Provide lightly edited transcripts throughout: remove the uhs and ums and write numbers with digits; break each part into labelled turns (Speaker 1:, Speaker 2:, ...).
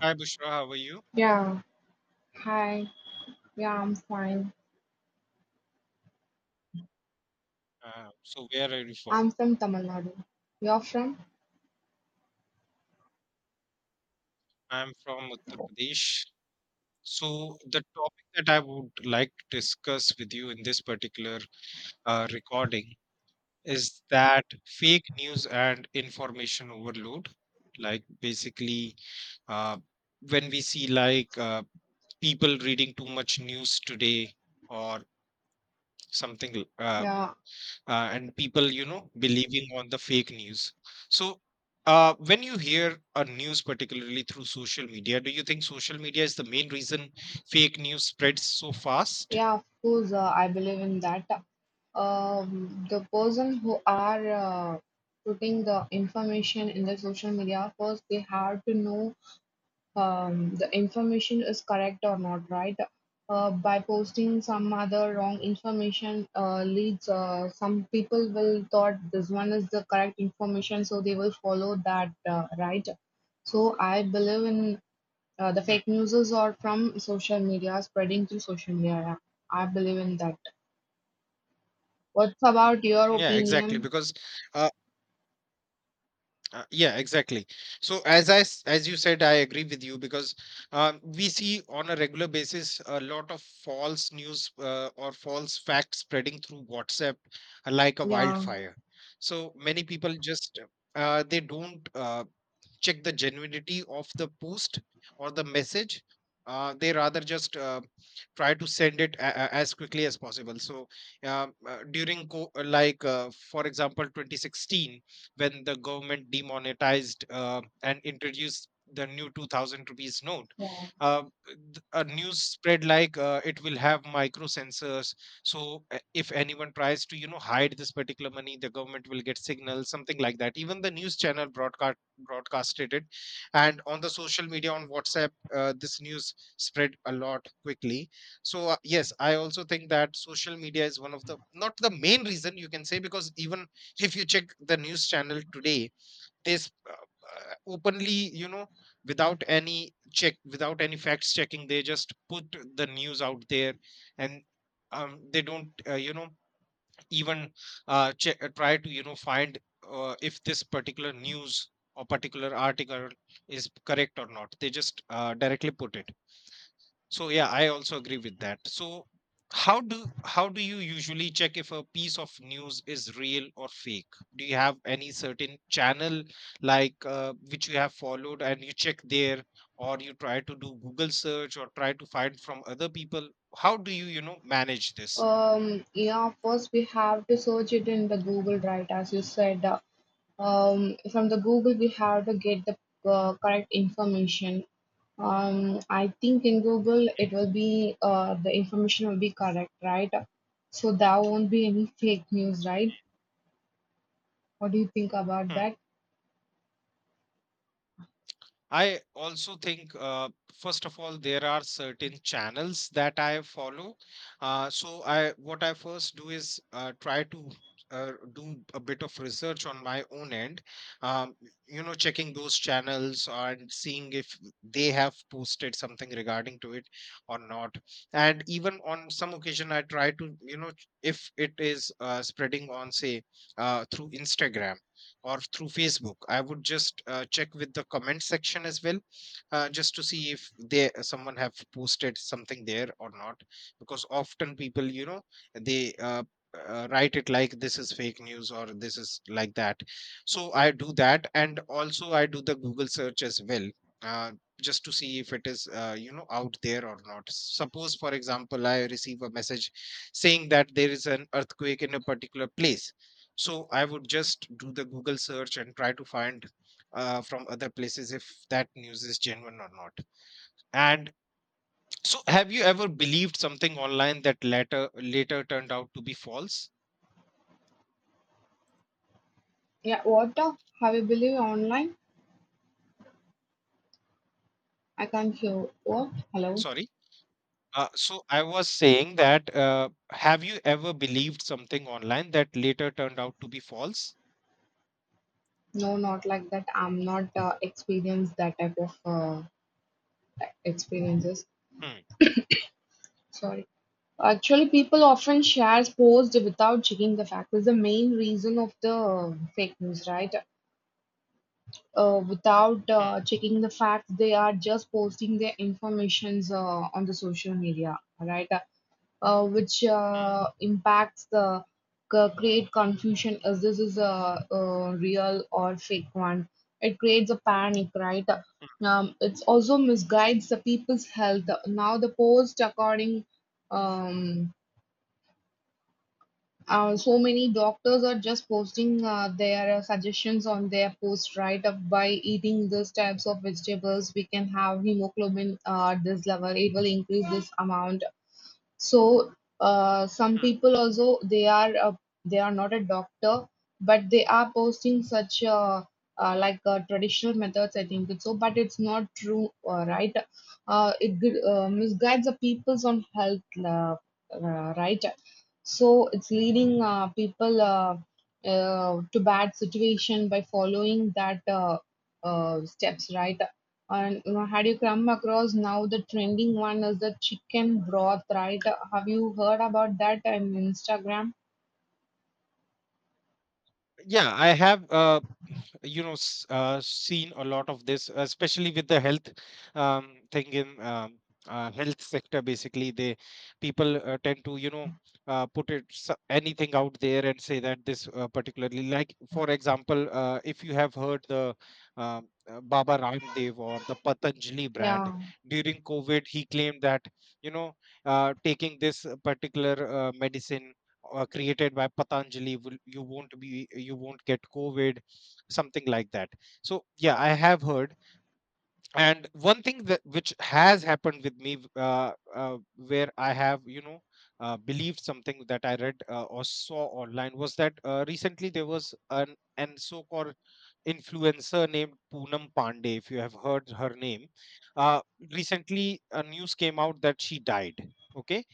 Speaker 1: Hi Bushra, how are you?
Speaker 2: Yeah, hi. Yeah, I'm fine.
Speaker 1: So where are you from?
Speaker 2: I'm from Tamil Nadu. You're from?
Speaker 1: I'm from Uttar Pradesh. So the topic that I would like to discuss with you in this particular recording is that fake news and information overload. Like basically, uh, when we see like people reading too much news today or something,
Speaker 2: Yeah,
Speaker 1: and people believing on the fake news. So when you hear a news particularly through social media, do you think social media is the main reason fake news spreads so fast?
Speaker 2: yeah, of course, I believe in that. The person who are putting the information in the social media, first they have to know the information is correct or not, right? By posting some other wrong information leads some people will thought this one is the correct information, so they will follow that, right? So I believe in the
Speaker 1: Hmm.
Speaker 2: fake news are from social media, spreading through social media. I believe in that. What's about your
Speaker 1: Yeah, exactly,
Speaker 2: opinion?
Speaker 1: because uh, yeah, exactly. So as you said, I agree with you because we see on a regular basis a lot of false news or false facts spreading through WhatsApp, like a
Speaker 2: Yeah.
Speaker 1: wildfire. So many people just they don't check the genuinity of the post or the message. They rather just try to send it as quickly as possible. So during like for example 2016, when the government demonetized and introduced the new 2,000 rupees note. uh, a news spread like it will have micro sensors. So if anyone tries to hide this particular money, the government will get signals, something like that. Even the news channel broadcasted it. And on the social media, on WhatsApp, this news spread a lot quickly. So yes, I also think that social media is one of the, not the main reason you can say, because even if you check the news channel today, they openly, you know, without any check, without any facts checking, they just put the news out there. And they don't even check, try to find if this particular news or particular article is correct or not. They just directly put it. So yeah, I also agree with that. So how do you usually check if a piece of news is real or fake? Do you have any certain channel, like which you have followed and you check there, or you try to do Google search or try to find from other people? How do you you know manage this?
Speaker 2: Yeah, first we have to search it in the Google, right? As you said, from the Google we have to get the correct information. I think in Google it will be the information will be correct, right? So there won't be any fake news, right? What do you think about
Speaker 1: Hmm.
Speaker 2: that?
Speaker 1: I also think, first of all, there are certain channels that I follow. So I, what I first do is try to do a bit of research on my own end. Um, you know, checking those channels and seeing if they have posted something regarding to it or not. And even on some occasion, I try to, if it is spreading on, say, through Instagram or through Facebook, I would just check with the comment section as well, just to see if they someone have posted something there or not. Because often they write it like this is fake news or this is like that. So I do that, and also I do the Google search as well. Uh, just to see if it is out there or not. Suppose, for example, I receive a message saying that there is an earthquake in a particular place. So I would just do the Google search and try to find from other places if that news is genuine or not. And so have you ever believed something online that later turned out to be false?
Speaker 2: Yeah, what have you believe online? I can't hear. What? Hello?
Speaker 1: Sorry. So I was saying that have you ever believed something online that later turned out to be false?
Speaker 2: No, not like that. I'm not experienced that type of experiences.
Speaker 1: Hmm.
Speaker 2: Sorry. Actually, people often share posts without checking the fact. Is the main reason of the fake news, right? Without
Speaker 1: Hmm.
Speaker 2: checking the facts they are just posting their informations on the social media right which
Speaker 1: Hmm.
Speaker 2: impacts the create confusion as this is a real or fake one, it creates a panic, right.
Speaker 1: Hmm.
Speaker 2: It's also misguides the people's health now the post according, um, so many doctors are just posting their suggestions on their post, right? Of by eating these types of vegetables, we can have hemoglobin at this level. It will increase this amount. So some
Speaker 1: Hmm.
Speaker 2: people also they are not a doctor, but they are posting such like traditional methods. I think it's so, but it's not true, right? It misguides the peoples on health, right? So it's leading people to bad situation by following that steps, right? And you know, had you come across now the trending one is the chicken broth, right? Have you heard about that on Instagram?
Speaker 1: Yeah, I have seen a lot of this, especially with the health thing in health sector. Basically, they people tend to put it anything out there and say that this particularly, like for example, if you have heard the Baba Ramdev or the Patanjali brand
Speaker 2: Yeah,
Speaker 1: during COVID, he claimed that you know taking this particular medicine created by Patanjali, will you won't be you won't get COVID, something like that. So yeah, I have heard. And one thing that which has happened with me, where I have believed something that I read or saw online, was that recently there was an so-called influencer named Poonam Pandey, if you have heard her name. Uh, Recently, a news came out that she died. Okay.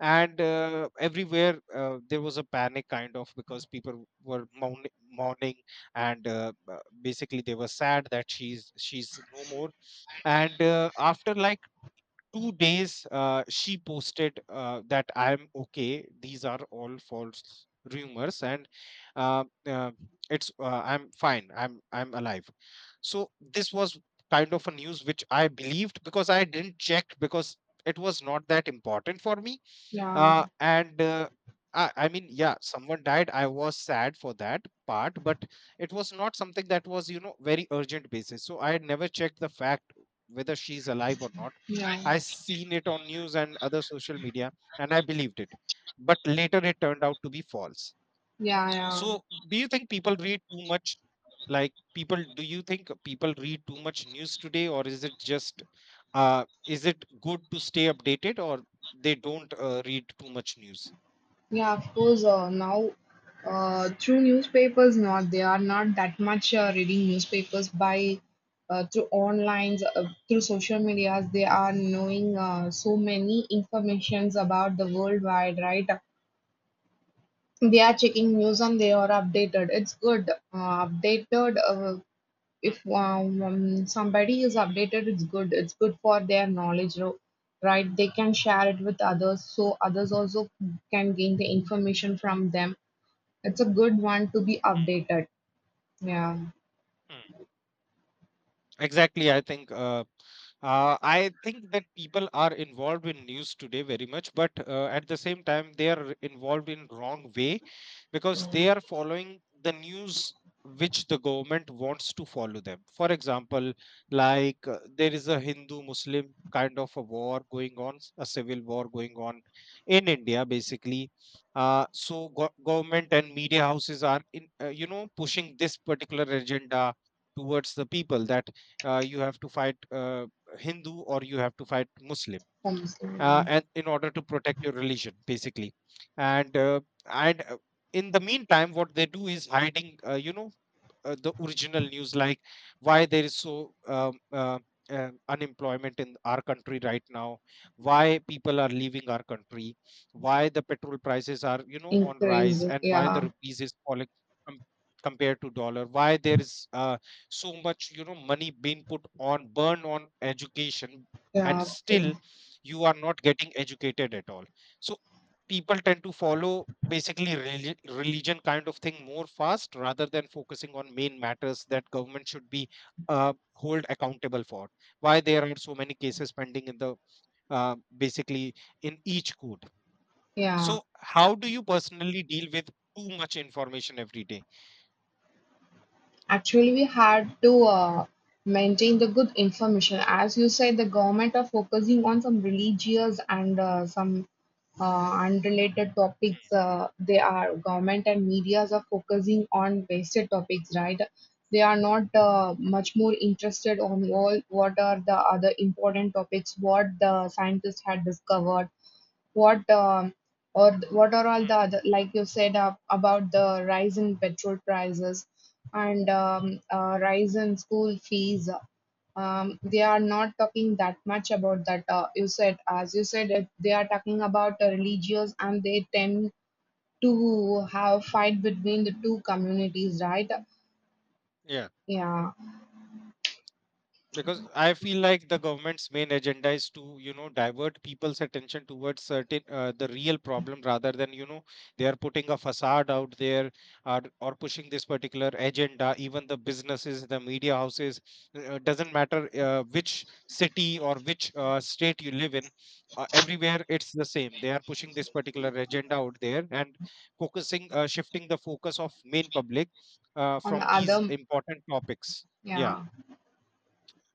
Speaker 1: And everywhere there was a panic kind of, because people were mourning. And basically they were sad that she's no more. And after like 2 days she posted that I am okay, these are all false rumors. And uh, uh, it's I'm fine, I'm alive. So this was kind of a news which I believed because I didn't check, because it was not that important for me.
Speaker 2: yeah,
Speaker 1: And I mean, yeah, someone died, I was sad for that part, but it was not something that was very urgent basis, so I had never checked the fact whether she's alive or not.
Speaker 2: yeah,
Speaker 1: I seen it on news and other social media, and I believed it, but later it turned out to be false.
Speaker 2: yeah, yeah.
Speaker 1: So, do you think people read too much? Like people, do you think people read too much news today, or is it just, is it good to stay updated, or they don't read too much news?
Speaker 2: Yeah, of course. Now, through newspapers, not they are not that much reading newspapers by through online, through social medias. They are knowing so many informations about the worldwide, right? They are checking news and they are updated. It's good. Updated. Uh,
Speaker 1: Hmm.
Speaker 2: if um, um, somebody is updated, it's good. It's good for their knowledge, right? They can share it with others, so others also can gain the information from them. It's a good one to be updated. Yeah,
Speaker 1: Exactly. I think that people are involved in news today very much, but at the same time they are involved in wrong way because they are following the news which the government wants to follow them. For example, like there is a Hindu-Muslim kind of a war going on, a civil war going on in India, basically. So go government and media houses are in, pushing this particular agenda towards the people that you have to fight Hindu, or you have to fight Muslim,
Speaker 2: homes. Yeah,
Speaker 1: and in order to protect your religion, basically. And and uh, in the meantime, what they do is hiding, the original news, like why there is so unemployment in our country right now, why people are leaving our country, why the petrol prices are, on rise,
Speaker 2: increasing.
Speaker 1: and why the
Speaker 2: Yeah,
Speaker 1: rupees is falling. com- Compared to dollar, why there is so much, money being put on burn on education, and
Speaker 2: yeah, it's good.
Speaker 1: still you are not getting educated at all. So people tend to follow basically religion kind of thing more fast, rather than focusing on main matters that government should be hold accountable for. Why there are so many cases pending in the basically in each court.
Speaker 2: Yeah.
Speaker 1: So how do you personally deal with too much information every day?
Speaker 2: Actually, we had to maintain the good information. As you said, the government are focusing on some religious and some unrelated topics. They are government and medias are focusing on wasted topics, right? They are not much more interested on all what are the other important topics, what the scientists had discovered, what what are all
Speaker 1: Hmm.
Speaker 2: the other like you said about the rise in petrol prices and rise in school fees, they are not talking that much about that. Uh, you said it, they are talking about religious and they tend to have fight between the two communities, right?
Speaker 1: Yeah,
Speaker 2: Yeah,
Speaker 1: because I feel like the government's main agenda is to divert people's attention towards certain the real problem, rather than they are putting a facade out there. Or pushing this particular agenda, even the businesses, the media houses, doesn't matter which city or which state you live in, everywhere it's the same. They are pushing this particular agenda out there, and focusing shifting the focus of main public
Speaker 2: on
Speaker 1: from
Speaker 2: the
Speaker 1: these
Speaker 2: other.
Speaker 1: important topics. Yeah.
Speaker 2: Yeah.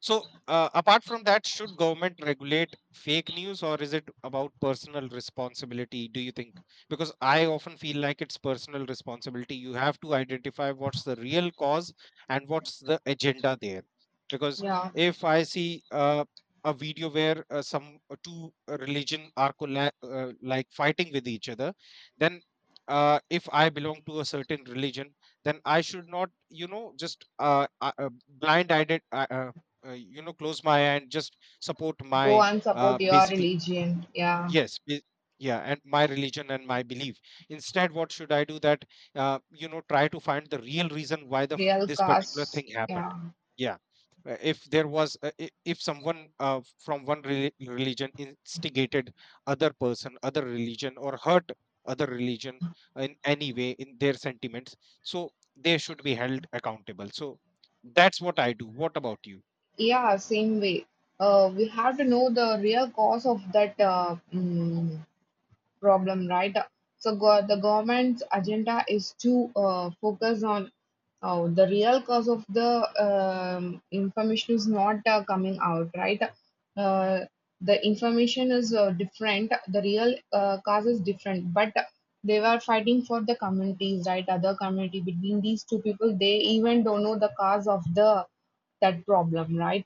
Speaker 1: So, apart from that, should government regulate fake news, or is it about personal responsibility, do you think? Because I often feel like it's personal responsibility. You have to identify what's the real cause and what's the agenda there. Because
Speaker 2: Yeah,
Speaker 1: if I see a video where some two religion are like fighting with each other, then if I belong to a certain religion, then I should not, just blind-eyed, close my eye and just support my
Speaker 2: go and support your
Speaker 1: basically,
Speaker 2: religion. Yeah,
Speaker 1: yes ba- yeah, and my religion and my belief. Instead, what should I do? That try to find the real reason why the
Speaker 2: real
Speaker 1: this particular
Speaker 2: cause.
Speaker 1: thing happened.
Speaker 2: Yeah.
Speaker 1: Yeah. If there was if someone from one religion instigated other person, other religion, or hurt other religion in any way in their sentiments, so they should be held accountable. So that's what I do. What about you?
Speaker 2: Yeah, same way. We have to know the real cause of that problem, right? So go, the government's agenda is to focus on, oh, the real cause of the, information is not coming out, right? Uh, the information is different, the real cause is different, but they were fighting for the communities, right? Other community between these two people, they even don't know the cause of the that problem, right?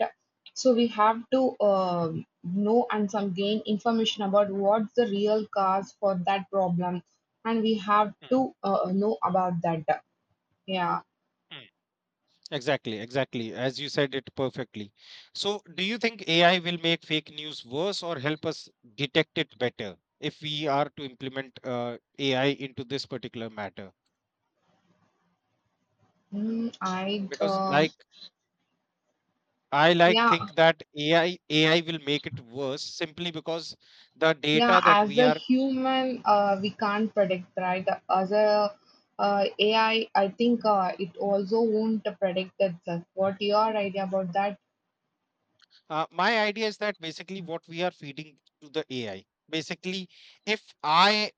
Speaker 2: So we have to know and some gain information about what's the real cause for that problem, and we have
Speaker 1: Mm.
Speaker 2: to know about that. Yeah,
Speaker 1: Mm. Exactly, exactly. As you said it perfectly. So, do you think AI will make fake news worse or help us detect it better if we are to implement AI into this particular matter?
Speaker 2: mm, I
Speaker 1: Because, like, I like
Speaker 2: yeah,
Speaker 1: think that AI will make it worse simply because the
Speaker 2: yeah.
Speaker 1: data that
Speaker 2: As
Speaker 1: we
Speaker 2: a
Speaker 1: are.
Speaker 2: human, we can't predict, right? As a AI, I think it also won't predict itself. What your idea about that?
Speaker 1: My idea is that basically what we are feeding to the AI. Basically, if I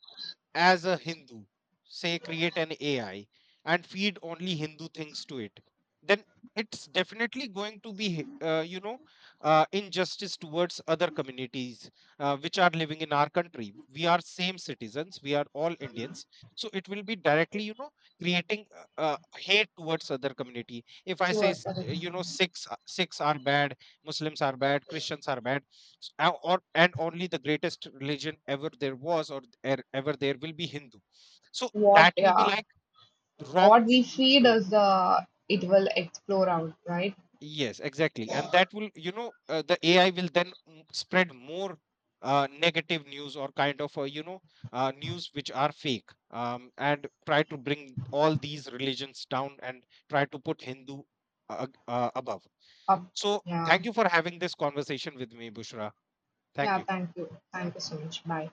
Speaker 1: as a Hindu, say create an AI and feed only Hindu things to it, then it's definitely going to be, injustice towards other communities which are living in our country. We are same citizens, we are all Indians, so it will be directly, creating hate towards other community. If I say,
Speaker 2: Sure, sure.
Speaker 1: Sikhs are bad, Muslims are bad, Christians are bad. Or, and only the greatest religion ever there was, or ever there will be, Hindu. So
Speaker 2: What,
Speaker 1: that will be
Speaker 2: yeah,
Speaker 1: like wrong
Speaker 2: what we
Speaker 1: thing
Speaker 2: feed
Speaker 1: doing.
Speaker 2: is it will explore out, right?
Speaker 1: Yes, exactly. And that will, the AI will then spread more negative news, or kind of news which are fake. And try to bring all these religions down and try to put Hindu above.
Speaker 2: Up,
Speaker 1: So thank
Speaker 2: yeah,
Speaker 1: you for having this conversation with me, Bushra. Thank
Speaker 2: yeah.
Speaker 1: you.
Speaker 2: Thank you so much. Bye.